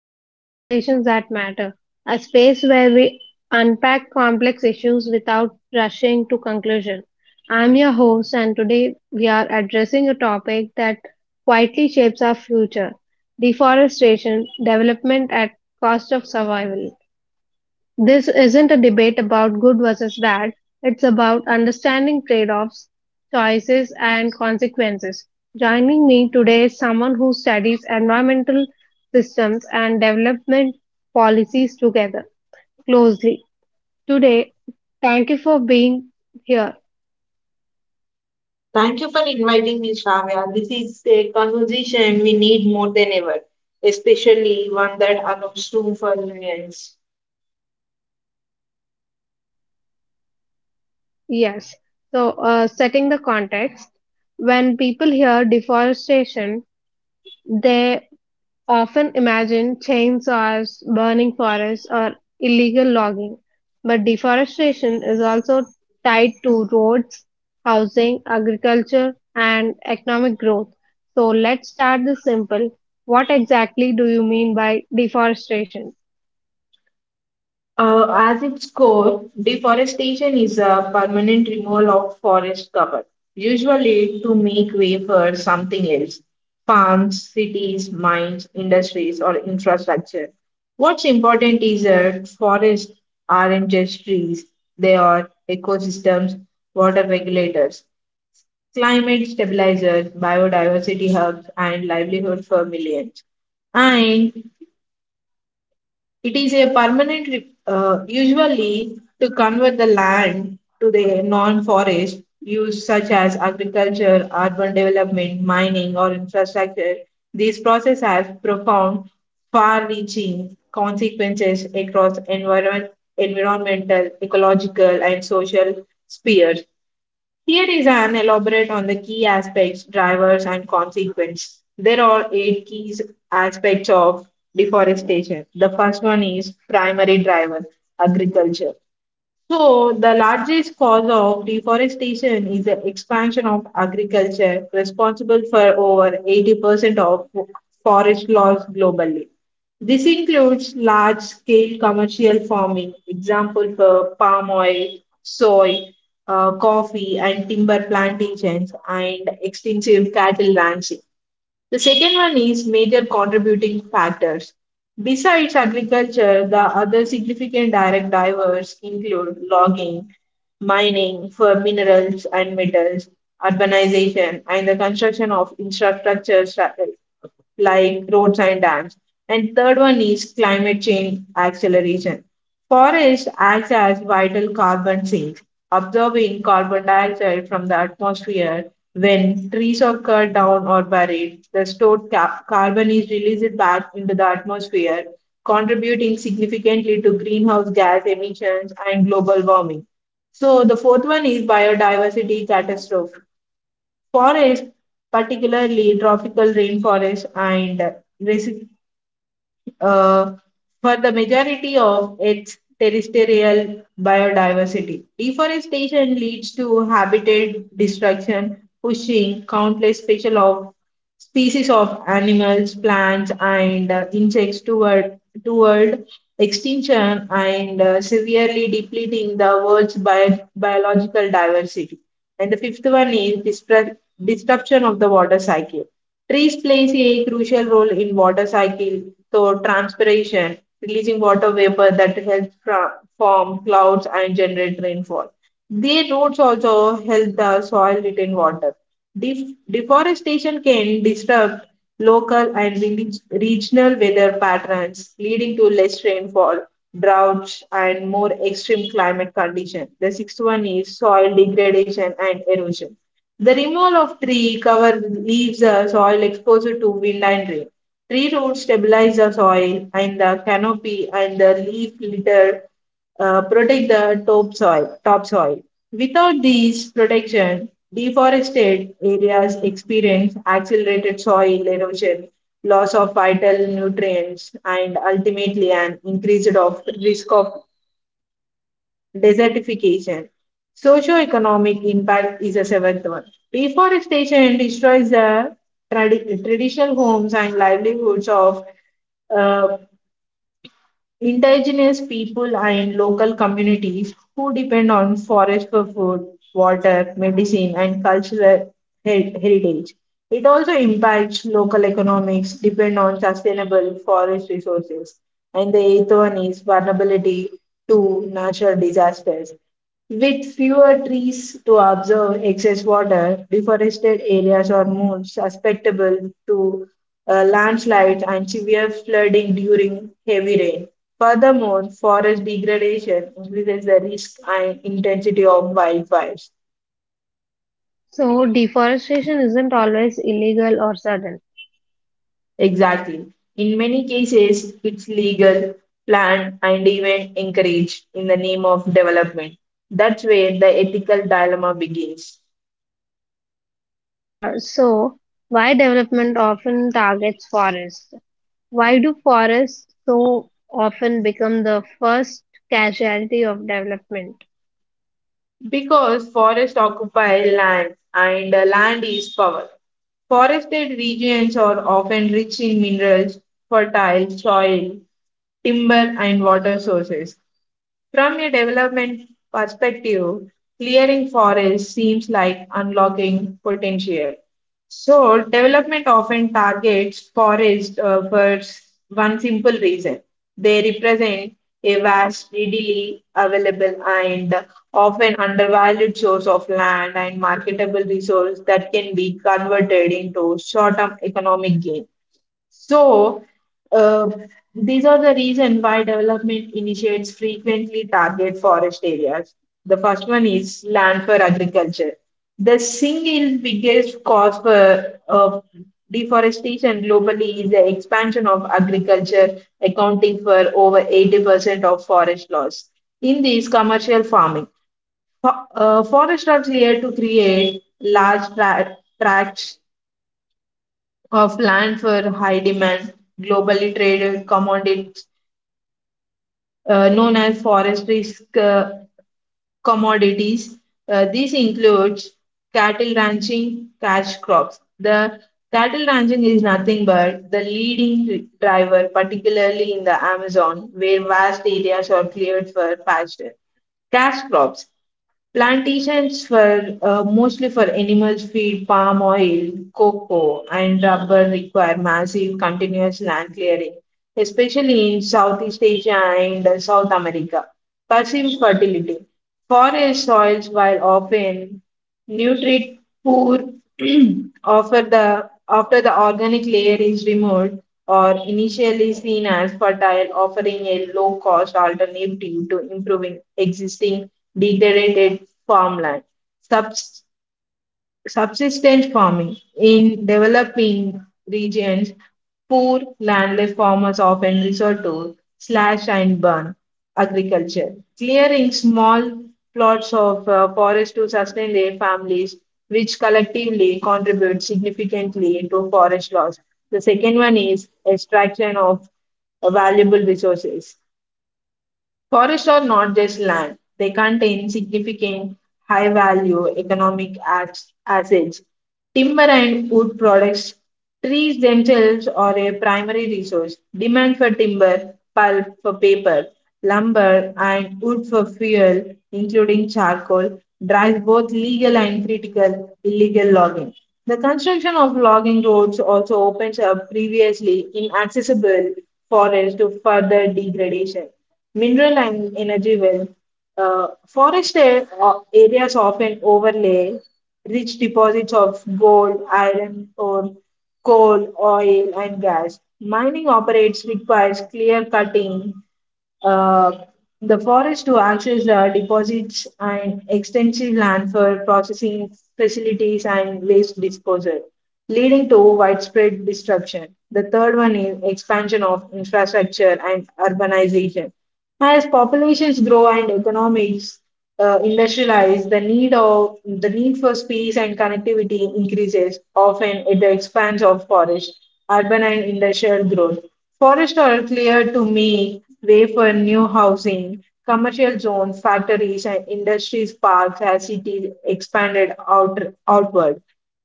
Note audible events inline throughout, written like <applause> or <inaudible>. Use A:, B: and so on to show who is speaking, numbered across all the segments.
A: to Conversations That Matter, a space where we unpack complex issues without rushing to conclusion. I'm your host and today we are addressing a topic that quietly shapes our future, deforestation, development at cost of survival. This isn't a debate about good versus bad, it's about understanding trade offs, choices, and consequences. Joining me today is someone who studies environmental systems and development policies together closely. Today, thank you for being here.
B: Thank you for inviting me, Shravya. This is a conversation we need more than ever, especially one that allows room for nuance.
A: Yes, so setting the context, when people hear deforestation, they often imagine chainsaws, burning forests, or illegal logging, but deforestation is also tied to roads, housing, agriculture, and economic growth. So let's start this simple. What exactly do you mean by deforestation?
B: As its core, deforestation is a permanent removal of forest cover, usually to make way for something else farms, cities, mines, industries, or infrastructure. What's important is that forests aren't just trees, they are ecosystems, water regulators climate stabilizers, biodiversity hubs, and livelihood for millions. And it is a permanent, usually to convert the land to the non-forest use such as agriculture, urban development, mining, or infrastructure. These processes have profound, far-reaching consequences across environmental, ecological, and social spheres. Here is an elaborate on the key aspects, drivers, and consequence. There are eight key aspects of deforestation. The first one is primary driver, agriculture. So, the largest cause of deforestation is the expansion of agriculture, responsible for over 80% of forest loss globally. This includes large scale commercial farming, example for palm oil, soy, coffee, and timber plantations, and extensive cattle ranching. The second one is major contributing factors. Besides agriculture, the other significant direct drivers include logging, mining for minerals and metals, urbanization, and the construction of infrastructure like roads and dams. And third one is climate change acceleration. Forests act as vital carbon sinks, absorbing carbon dioxide from the atmosphere when trees are cut down or buried, the stored carbon is released back into the atmosphere, contributing significantly to greenhouse gas emissions and global warming. So, the fourth one is biodiversity catastrophe. Forests, particularly tropical rainforests and uh, for the majority of its terrestrial biodiversity. Deforestation leads to habitat destruction, pushing countless special of species of animals, plants, and insects toward extinction and severely depleting the world's biological diversity. And the fifth one is disruption of the water cycle. Trees plays a crucial role in water cycle. So transpiration, releasing water vapor that helps form clouds and generate rainfall. Their roots also help the soil retain water. Deforestation can disrupt local and regional weather patterns, leading to less rainfall, droughts, and more extreme climate conditions. The sixth one is soil degradation and erosion the removal of tree cover leaves the soil exposed to wind and rain. Tree roots stabilize the soil and the canopy and the leaf litter protect the topsoil. Without these protection, deforested areas experience accelerated soil erosion, loss of vital nutrients, and ultimately an increased of risk of desertification. Socioeconomic impact is the seventh one. Deforestation destroys the traditional homes and livelihoods of uh, indigenous people and local communities who depend on forest for food, water, medicine, and cultural heritage. It also impacts local economics, depend on sustainable forest resources. And the eighth one is vulnerability to natural disasters. With fewer trees to absorb excess water, deforested areas are more susceptible to landslides and severe flooding during heavy rain. Furthermore, forest degradation increases the risk and intensity of wildfires.
A: So, deforestation isn't always illegal or sudden.
B: Exactly. In many cases, it's legal, planned, and even encouraged in the name of development. That's where the ethical dilemma begins.
A: Uh, so, why development often targets forests? Why do forests so often become the first casualty of development?
B: Because forests occupy land and land is power. Forested regions are often rich in minerals, fertile soil, timber, and water sources. From a development perspective, clearing forests seems like unlocking potential. So, development often targets forests for one simple reason they represent a vast, readily available, and often undervalued source of land and marketable resource that can be converted into short term economic gain. So, uh, these are the reason why development initiates frequently target forest areas. The first one is land for agriculture. The single biggest cause for deforestation globally is the expansion of agriculture, accounting for over 80% of forest loss. In this commercial farming, forest are here to create large tracts of land for high demand, globally traded commodities known as forestry uh, commodities. This includes cattle ranching, cash crops. The cattle ranching is nothing but the leading driver, particularly in the Amazon, where vast areas are cleared for pasture. Cash crops. Plantations for mostly for animals feed, palm oil, cocoa, and rubber require massive continuous land clearing, especially in Southeast Asia and South America. Passive fertility. Forest soils while often Nutrit poor <clears throat> offer the after the organic layer is removed or initially seen as fertile, offering a low cost alternative to improving existing degraded farmland subsistence farming. In developing regions, poor landless farmers often resort to slash and burn agriculture, clearing small plots of forest to sustain their families, which collectively contribute significantly to forest loss. The second one is extraction of valuable resources. Forests are not just land, they contain significant high value economic assets. Timber and wood products, trees themselves are a primary resource. Demand for timber, pulp for paper, lumber, and wood for fuel, including charcoal, drives both legal and critical illegal logging. The construction of logging roads also opens up previously inaccessible forests to further degradation mineral and energy well. Uh, forest areas often overlay rich deposits of gold, iron ore, coal, oil, and gas. Mining operates requires clear cutting, uh, the forest to access deposits and extensive land for processing facilities and waste disposal, leading to widespread disruption. The third one is expansion of infrastructure and urbanization. As populations grow and economies industrialize, the need for space and connectivity increases, often at the expense of forest, urban and industrial growth. Forests are cleared to make way for new housing, commercial zones, factories, and industries parks as cities outward.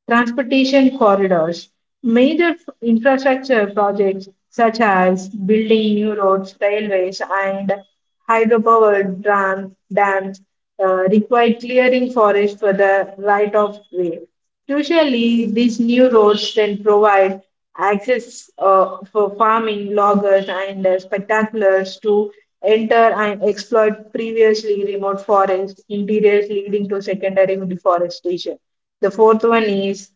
B: Transportation corridors. Major infrastructure projects such as building new roads, railways, and hydropower dams require clearing forest for the right of way. Crucially, these new roads then provide access for farming, loggers, and spectaculars to enter and exploit previously remote forest interiors, leading to secondary deforestation. The fourth one is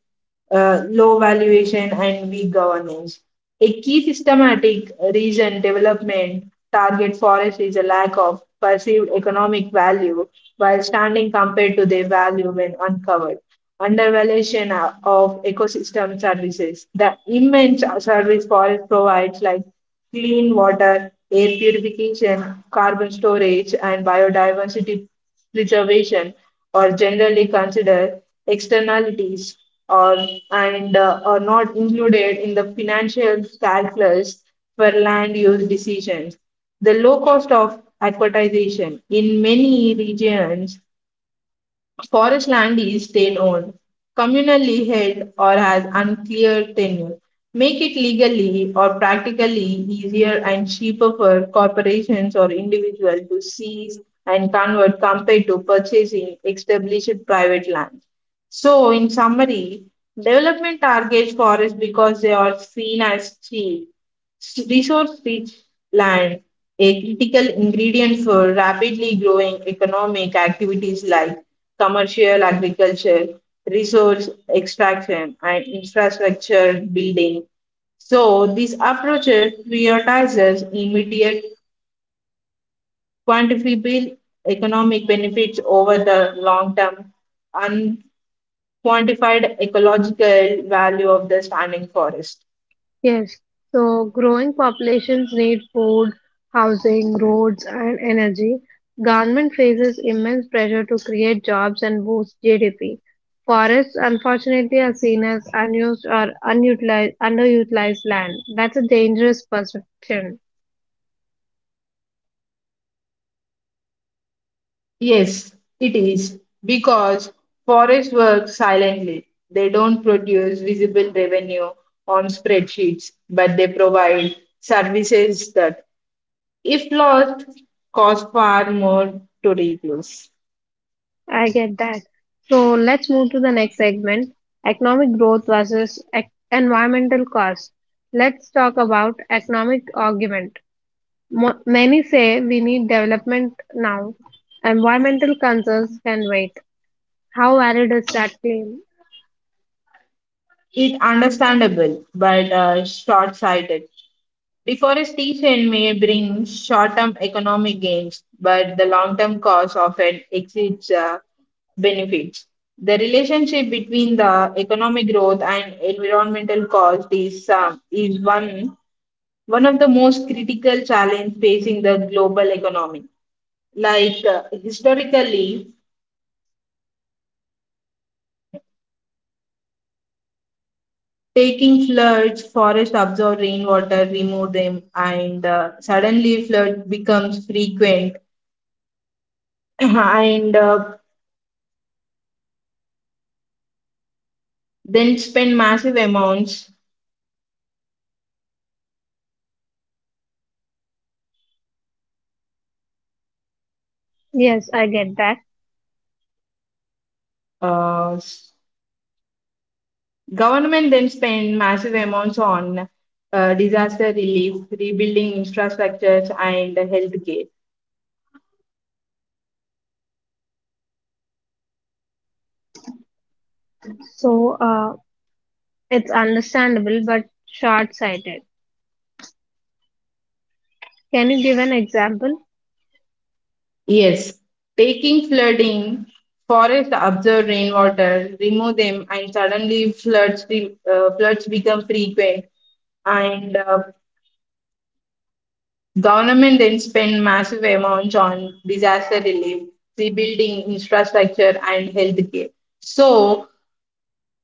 B: low valuation, and weak governance. A key systematic reason development target forests is a lack of perceived economic value while standing compared to their value when uncovered. Undervaluation of ecosystem services. The immense service forest provides, like clean water, air purification, carbon storage, and biodiversity reservation or generally considered externalities or and are not included in the financial calculus for land use decisions. The low cost of aquatization in many regions Forest land is state owned, communally held, or has unclear tenure. Make it legally or practically easier and cheaper for corporations or individuals to seize and convert compared to purchasing established private land. So, in summary, development targets forests because they are seen as cheap Resource rich land, a critical ingredient for rapidly growing economic activities like commercial agriculture, resource extraction, and infrastructure building. So, this approach prioritizes immediate quantifiable economic benefits over the long term unquantified ecological value of the standing forest.
A: Yes, so growing populations need food, housing, roads, and energy. Government faces immense pressure to create jobs and boost GDP. Forests, unfortunately, are seen as unused or unutilized, underutilized land. That's a dangerous perception.
B: Yes, it is because forests work silently. They don't produce visible revenue on spreadsheets, but they provide services that, if lost, cost far more to replace.
A: I get that. So let's move to the next segment economic growth versus environmental cost. Let's talk about economic argument. Many say we need development now. Environmental concerns can wait. How valid is that claim?
B: It's understandable, but short sighted. Deforestation may bring short term economic gains, but the long term cost often exceeds benefits. The relationship between the economic growth and environmental cost is, one of the most critical challenges facing the global economy. Like historically, taking floods, forests absorb rainwater, remove them, and suddenly flood becomes frequent <clears throat> and then spend massive amounts.
A: Yes, I get that.
B: Uh, s- Government then spend massive amounts on disaster relief, rebuilding infrastructures, and healthcare.
A: So it's understandable but short sighted. Can you give an example?
B: Yes, taking flooding, forests absorb rainwater, remove them, and suddenly floods become frequent. And government then spend massive amounts on disaster relief, rebuilding infrastructure, and healthcare. So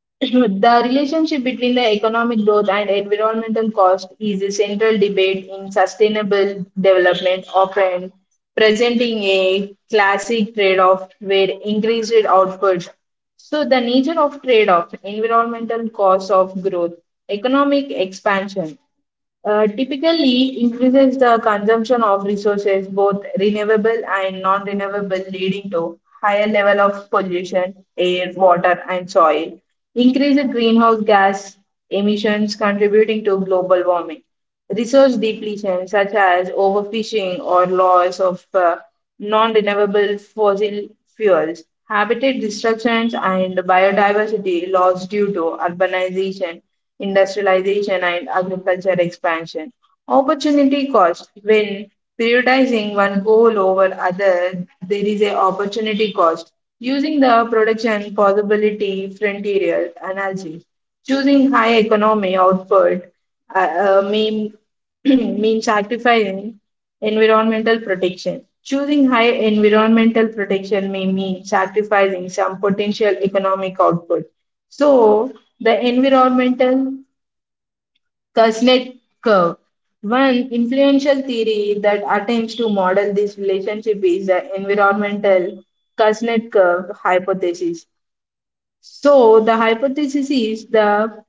B: <laughs> the relationship between the economic growth and environmental cost is a central debate in sustainable development, often presenting a classic trade off where increased output. So, the nature of trade off, environmental costs of growth, economic expansion, typically increases the consumption of resources, both renewable and non-renewable, leading to higher level of pollution, air, water, and soil, increased greenhouse gas emissions contributing to global warming, resource depletion such as overfishing or loss of non-renewable fossil fuels, habitat destructions and biodiversity loss due to urbanization industrialization, and agriculture expansion. Opportunity cost. When prioritizing one goal over other, there is a opportunity cost. Using the production possibility frontier analogy, choosing high economy output uh, uh, mean, <clears throat> means sacrificing environmental protection. Choosing high environmental protection may mean sacrificing some potential economic output. So, the environmental Kuznets curve. One influential theory that attempts to model this relationship is the environmental Kuznets curve hypothesis. So, the hypothesis is the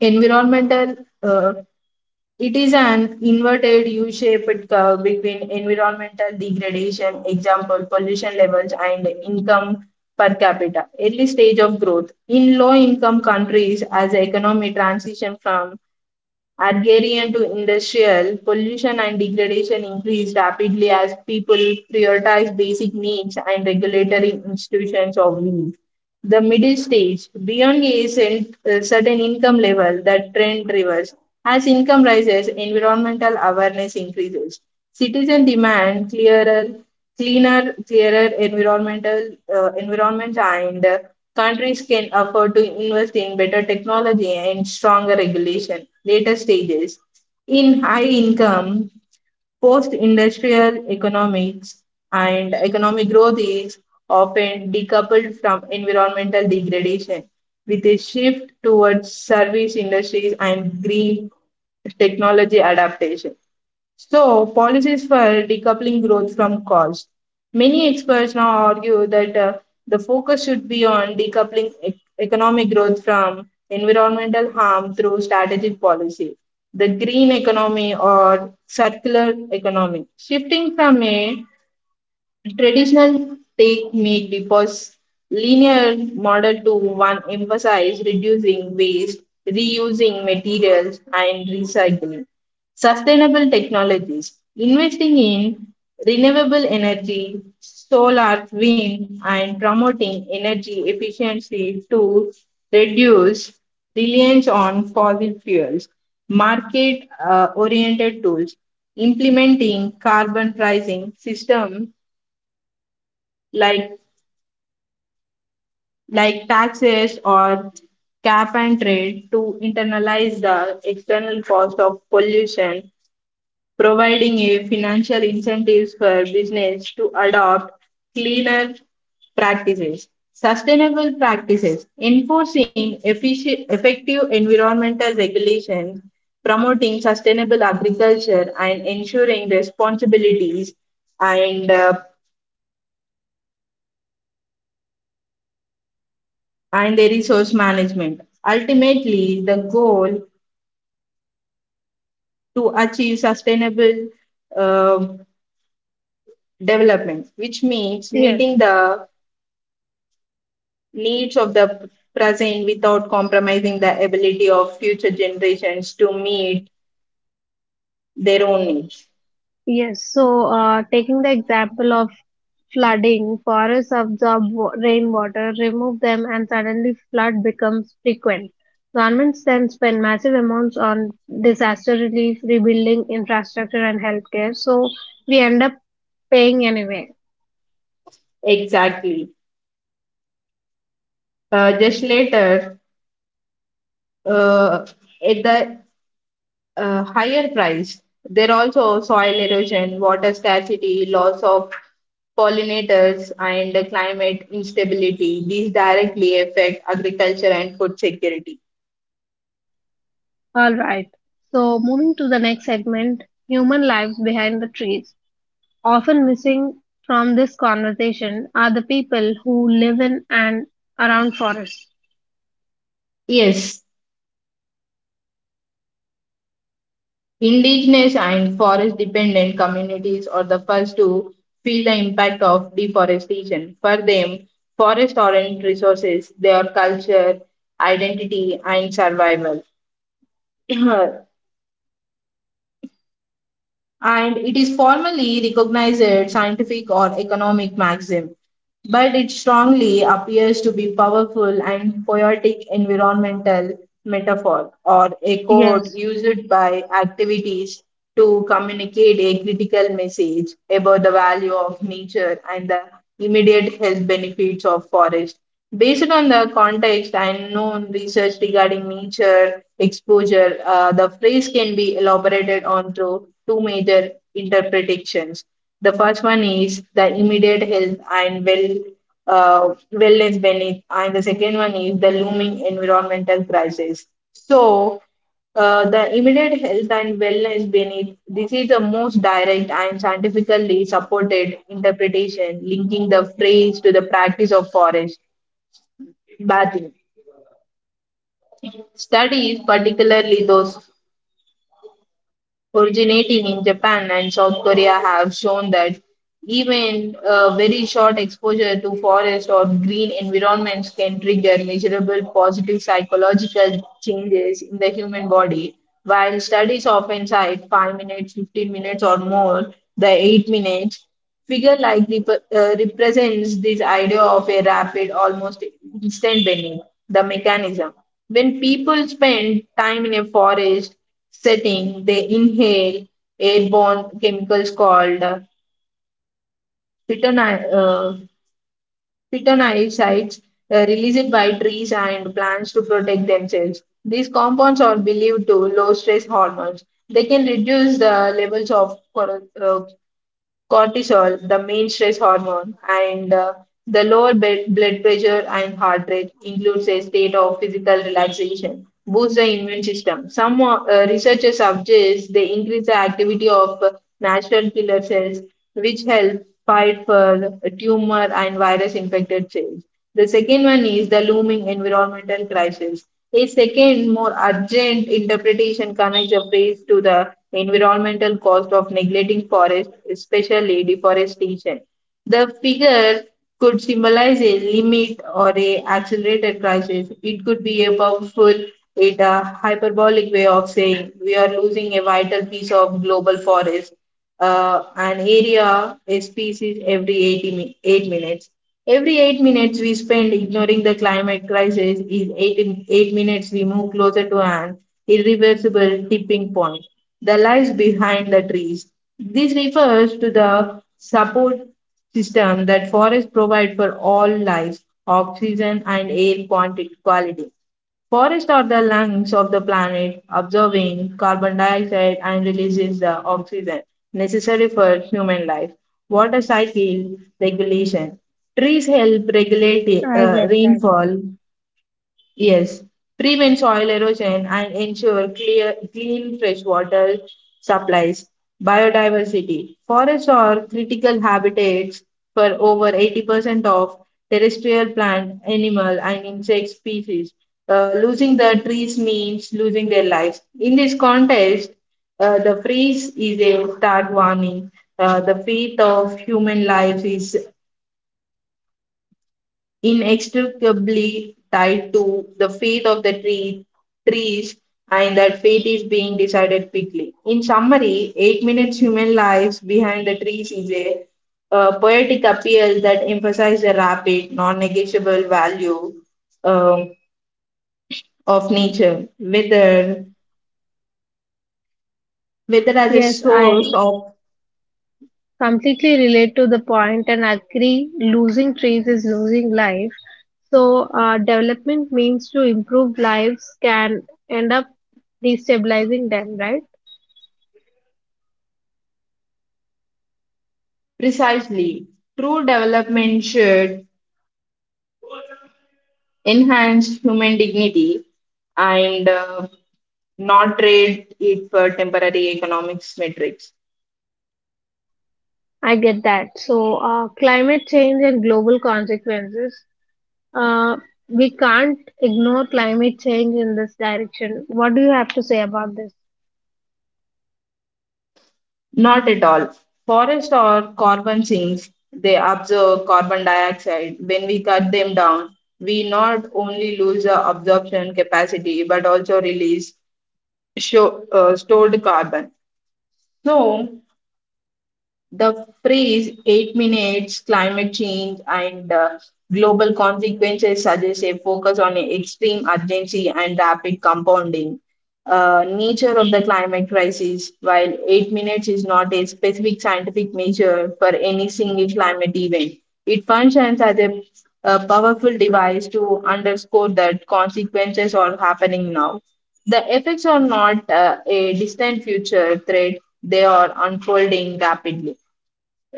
B: environmental, uh, it is an inverted U shaped curve between environmental degradation, example, pollution levels, and income per capita. Early stage of growth. In low income countries, as the economy transition from Agrarian to industrial, pollution and degradation increased rapidly as people prioritized basic needs and regulatory institutions of weak the middle stage beyond is in a certain income level the trend reverses as income rises environmental awareness increases citizen demand clearer cleaner clearer environmental environment and countries can afford to invest in better technology and stronger regulation later stages in high income Post industrial economics and economic growth is often decoupled from environmental degradation, with a shift towards service industries and green technology adaptation. So, policies for decoupling growth from cost. Many experts now argue that the focus should be on decoupling economic growth from environmental harm through strategic policy, the green economy or circular economy, shifting from a Traditional take make depots linear model to one emphasize reducing waste, reusing materials, and recycling. Sustainable technologies investing in renewable energy, solar, wind, and promoting energy efficiency to reduce reliance on fossil fuels. Market oriented tools implementing carbon pricing system like like taxes or cap and trade to internalize the external cost of pollution, providing a financial incentives for business to adopt cleaner practices. Sustainable practices, enforcing efficient, effective environmental regulations, promoting sustainable agriculture, and ensuring responsibilities and uh, and the resource management. Ultimately, the goal to achieve sustainable um, development, which means
A: Yes,
B: meeting the needs of the present without compromising the ability of future generations to meet their own needs.
A: yes. So taking the example of flooding. Forests absorb rainwater, remove them, and suddenly flood becomes frequent. Governments then spend massive amounts on disaster relief, rebuilding infrastructure, and healthcare. So we end up paying anyway.
B: Exactly. Just later, uh, at the higher price, there are also soil erosion, water scarcity, loss of pollinators, and the climate instability. These directly affect agriculture and food security.
A: All right. So moving to the next segment, human lives behind the trees. Often missing from this conversation are the people who live in and around forests.
B: Yes, Indigenous and forest dependent communities are the first to feel the impact of deforestation. For them, forests aren't resources, they are culture, identity, and survival. <clears throat> And it is formally recognized scientific or economic maxim but it strongly appears to be powerful and poetic environmental metaphor or a code
A: Yes,
B: used by activities to communicate a critical message about the value of nature and the immediate health benefits of forest. Based on the context and known research regarding nature exposure, the phrase can be elaborated on through two major interpretations. The first one is the immediate health and wellness benefit, and the second one is the looming environmental crisis. So, the immediate health and wellness benefit. This is the most direct and scientifically supported interpretation, linking the phrase to the practice of forest badly. Studies, particularly those originating in Japan and South Korea have shown that even a very short exposure to forest or green environments can trigger measurable positive psychological changes in the human body. While studies often cite 5 minutes, 15 minutes, or more, the 8 minutes figure likely represents this idea of a rapid, almost instant bending, the mechanism. When people spend time in a forest, Setting, they inhale airborne chemicals called phytoni- uh, phytonicides released by trees and plants to protect themselves. These compounds are believed to low stress hormones. They can reduce the levels of cortisol, the main stress hormone, and the lower bed, blood pressure and heart rate includes a state of physical relaxation, boosts the immune system. Some researchers suggest they increase the activity of natural killer cells, which help fight for tumor and virus infected cells. The second one is the looming environmental crisis. A second, more urgent interpretation connects the phrase to the environmental cost of neglecting forest, especially deforestation. The figure could symbolize a limit or a accelerated crisis. It could be it a hyperbolic way of saying we are losing a vital piece of global forest an area, a species every 8 minutes. Every 8 minutes we spend ignoring the climate crisis is 8 minutes we move closer to an irreversible tipping point that lies behind the trees. This refers to the support system that forests provide for all life, oxygen and air quality. Forests are the lungs of the planet, absorbing carbon dioxide and releases the oxygen necessary for human life. Water cycle regulation. Trees help regulate
A: I get that.
B: rainfall, yes, prevent soil erosion and ensure clear, clean freshwater supplies. Biodiversity. Forests are critical habitats for over 80% of terrestrial plant, animal, and insect species. Losing the trees means losing their lives. In this context, the freeze is a stark warning. The fate of human lives is inextricably tied to the fate of the trees, and that fate is being decided quickly. In summary, 8 Minutes Human Lives Behind the Trees is a poetic appeal that emphasizes the rapid, non negotiable value um, of nature, whether as a
A: Yes, I
B: source of
A: completely relate to the point and agree losing trees is losing life, so development means to improve lives can end up destabilizing them, right?
B: precisely true development should enhance human dignity and not trade it for temporary economics metrics.
A: I get that. So climate change and global consequences, uh, we can't ignore climate change in this direction. What do you have to say about this?
B: Not at all. Forests are carbon sinks. They absorb carbon dioxide. When we cut them down, we not only lose the absorption capacity but also release stored carbon. So, the phrase 8 minutes, climate change, and global consequences suggests a focus on extreme urgency and rapid compounding. Nature of the climate crisis While 8 minutes is not a specific scientific measure for any single climate event, it functions as a powerful device to underscore that consequences are happening now. The effects are not a distant future threat, they are unfolding rapidly.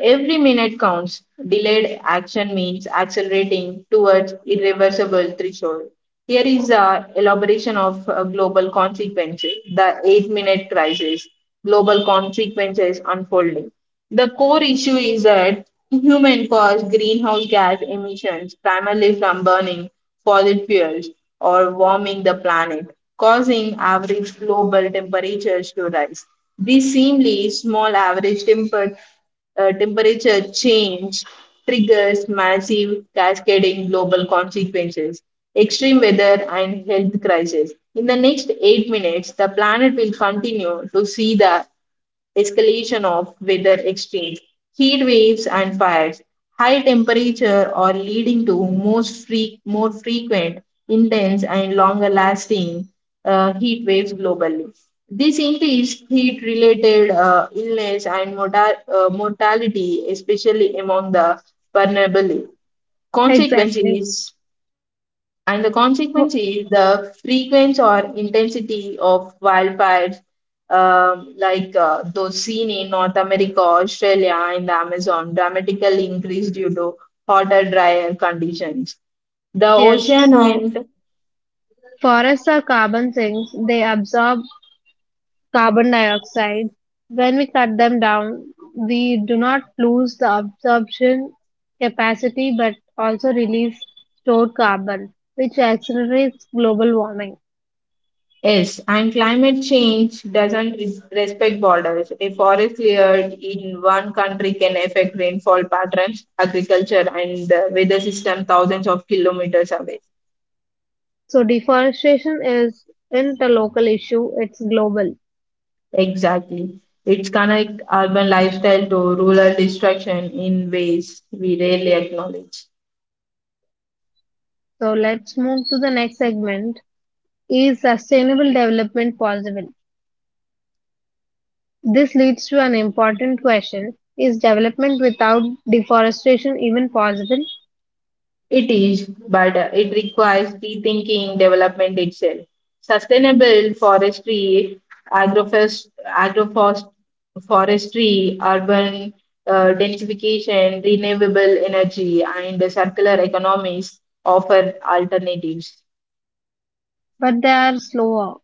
B: Every minute counts. Delayed action means accelerating towards irreversible threshold. Here is a elaboration of global consequences, the 8 minute crisis, global consequences unfolding. The core issue is that human caused greenhouse gas emissions, primarily from burning fossil fuels or warming the planet, causing average global temperatures to rise. These seemingly small average temperature change triggers massive cascading global consequences, extreme weather, and health crises. In the next 8 minutes, the planet will continue to see the escalation of weather extremes, heat waves and fires, high temperature are leading to most more frequent, intense and longer lasting heat waves globally. This increased heat related illness and mortality, especially among the vulnerable.
A: Exactly.
B: Consequences and the
A: Wh-
B: consequence is the frequency or intensity of wildfires, like those seen in North America, Australia, and the Amazon, dramatically increase due to hotter, drier conditions. The
A: yes,
B: ocean
A: so
B: and
A: forests are carbon sinks, they absorb carbon dioxide. When we cut them down, we do not lose the absorption capacity but also release stored carbon, which accelerates global warming.
B: yes, and climate change doesn't respect borders. A forest cleared in one country can affect rainfall patterns, agriculture, and the weather system thousands of kilometers away.
A: So, deforestation is isn't a local issue, it's global.
B: Exactly. It's connect urban lifestyle to rural distraction in ways we rarely acknowledge.
A: So, let's move to the next segment. Is sustainable development possible? This leads to an important question. Is development without deforestation even possible?
B: It is, but it requires rethinking development itself. Sustainable forestry, agroforest, agroforest, forestry, urban densification, renewable energy, and circular economies offer alternatives.
A: But they are slower.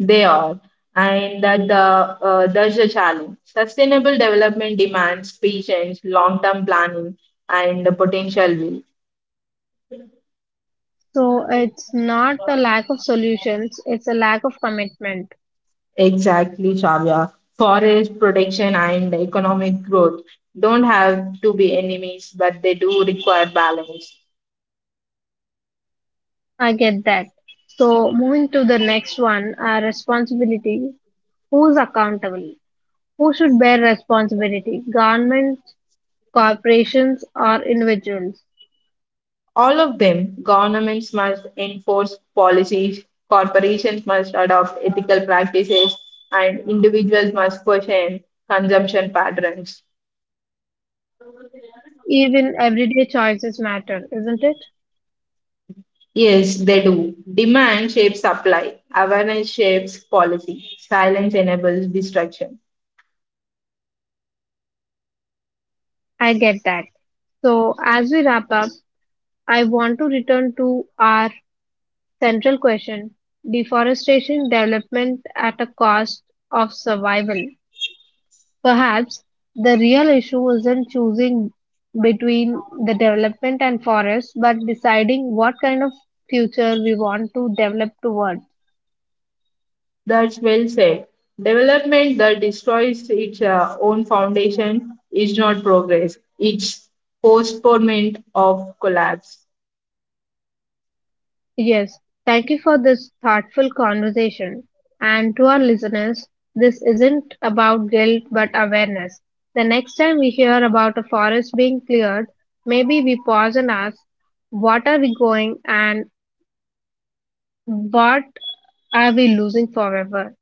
B: They are, and that the there's a challenge. Sustainable development demands patience, long-term planning, and the potential will.
A: So it's not a lack of solutions, it's a lack of commitment.
B: Exactly, Shavya. Forest protection and economic growth don't have to be enemies, but they do require balance.
A: I get that. So moving to the next one, responsibility. Who's accountable? Who should bear responsibility? Governments, corporations, or individuals?
B: All of them, governments must enforce policies, corporations must adopt ethical practices, and individuals must question consumption patterns.
A: Even everyday choices matter, isn't it?
B: Yes, they do. Demand shapes supply. Awareness shapes policy. Silence enables destruction.
A: I get that. So as we wrap up, I want to return to our central question, deforestation development at a cost of survival. Perhaps the real issue isn't choosing between the development and forests, but deciding what kind of future we want to develop towards.
B: That's well said. Development that destroys its own foundation is not progress, it's postponement of collapse.
A: Yes, thank you for this thoughtful conversation. And to our listeners, this isn't about guilt but awareness. The next time we hear about a forest being cleared, maybe we pause and ask, what are we going and what are we losing forever?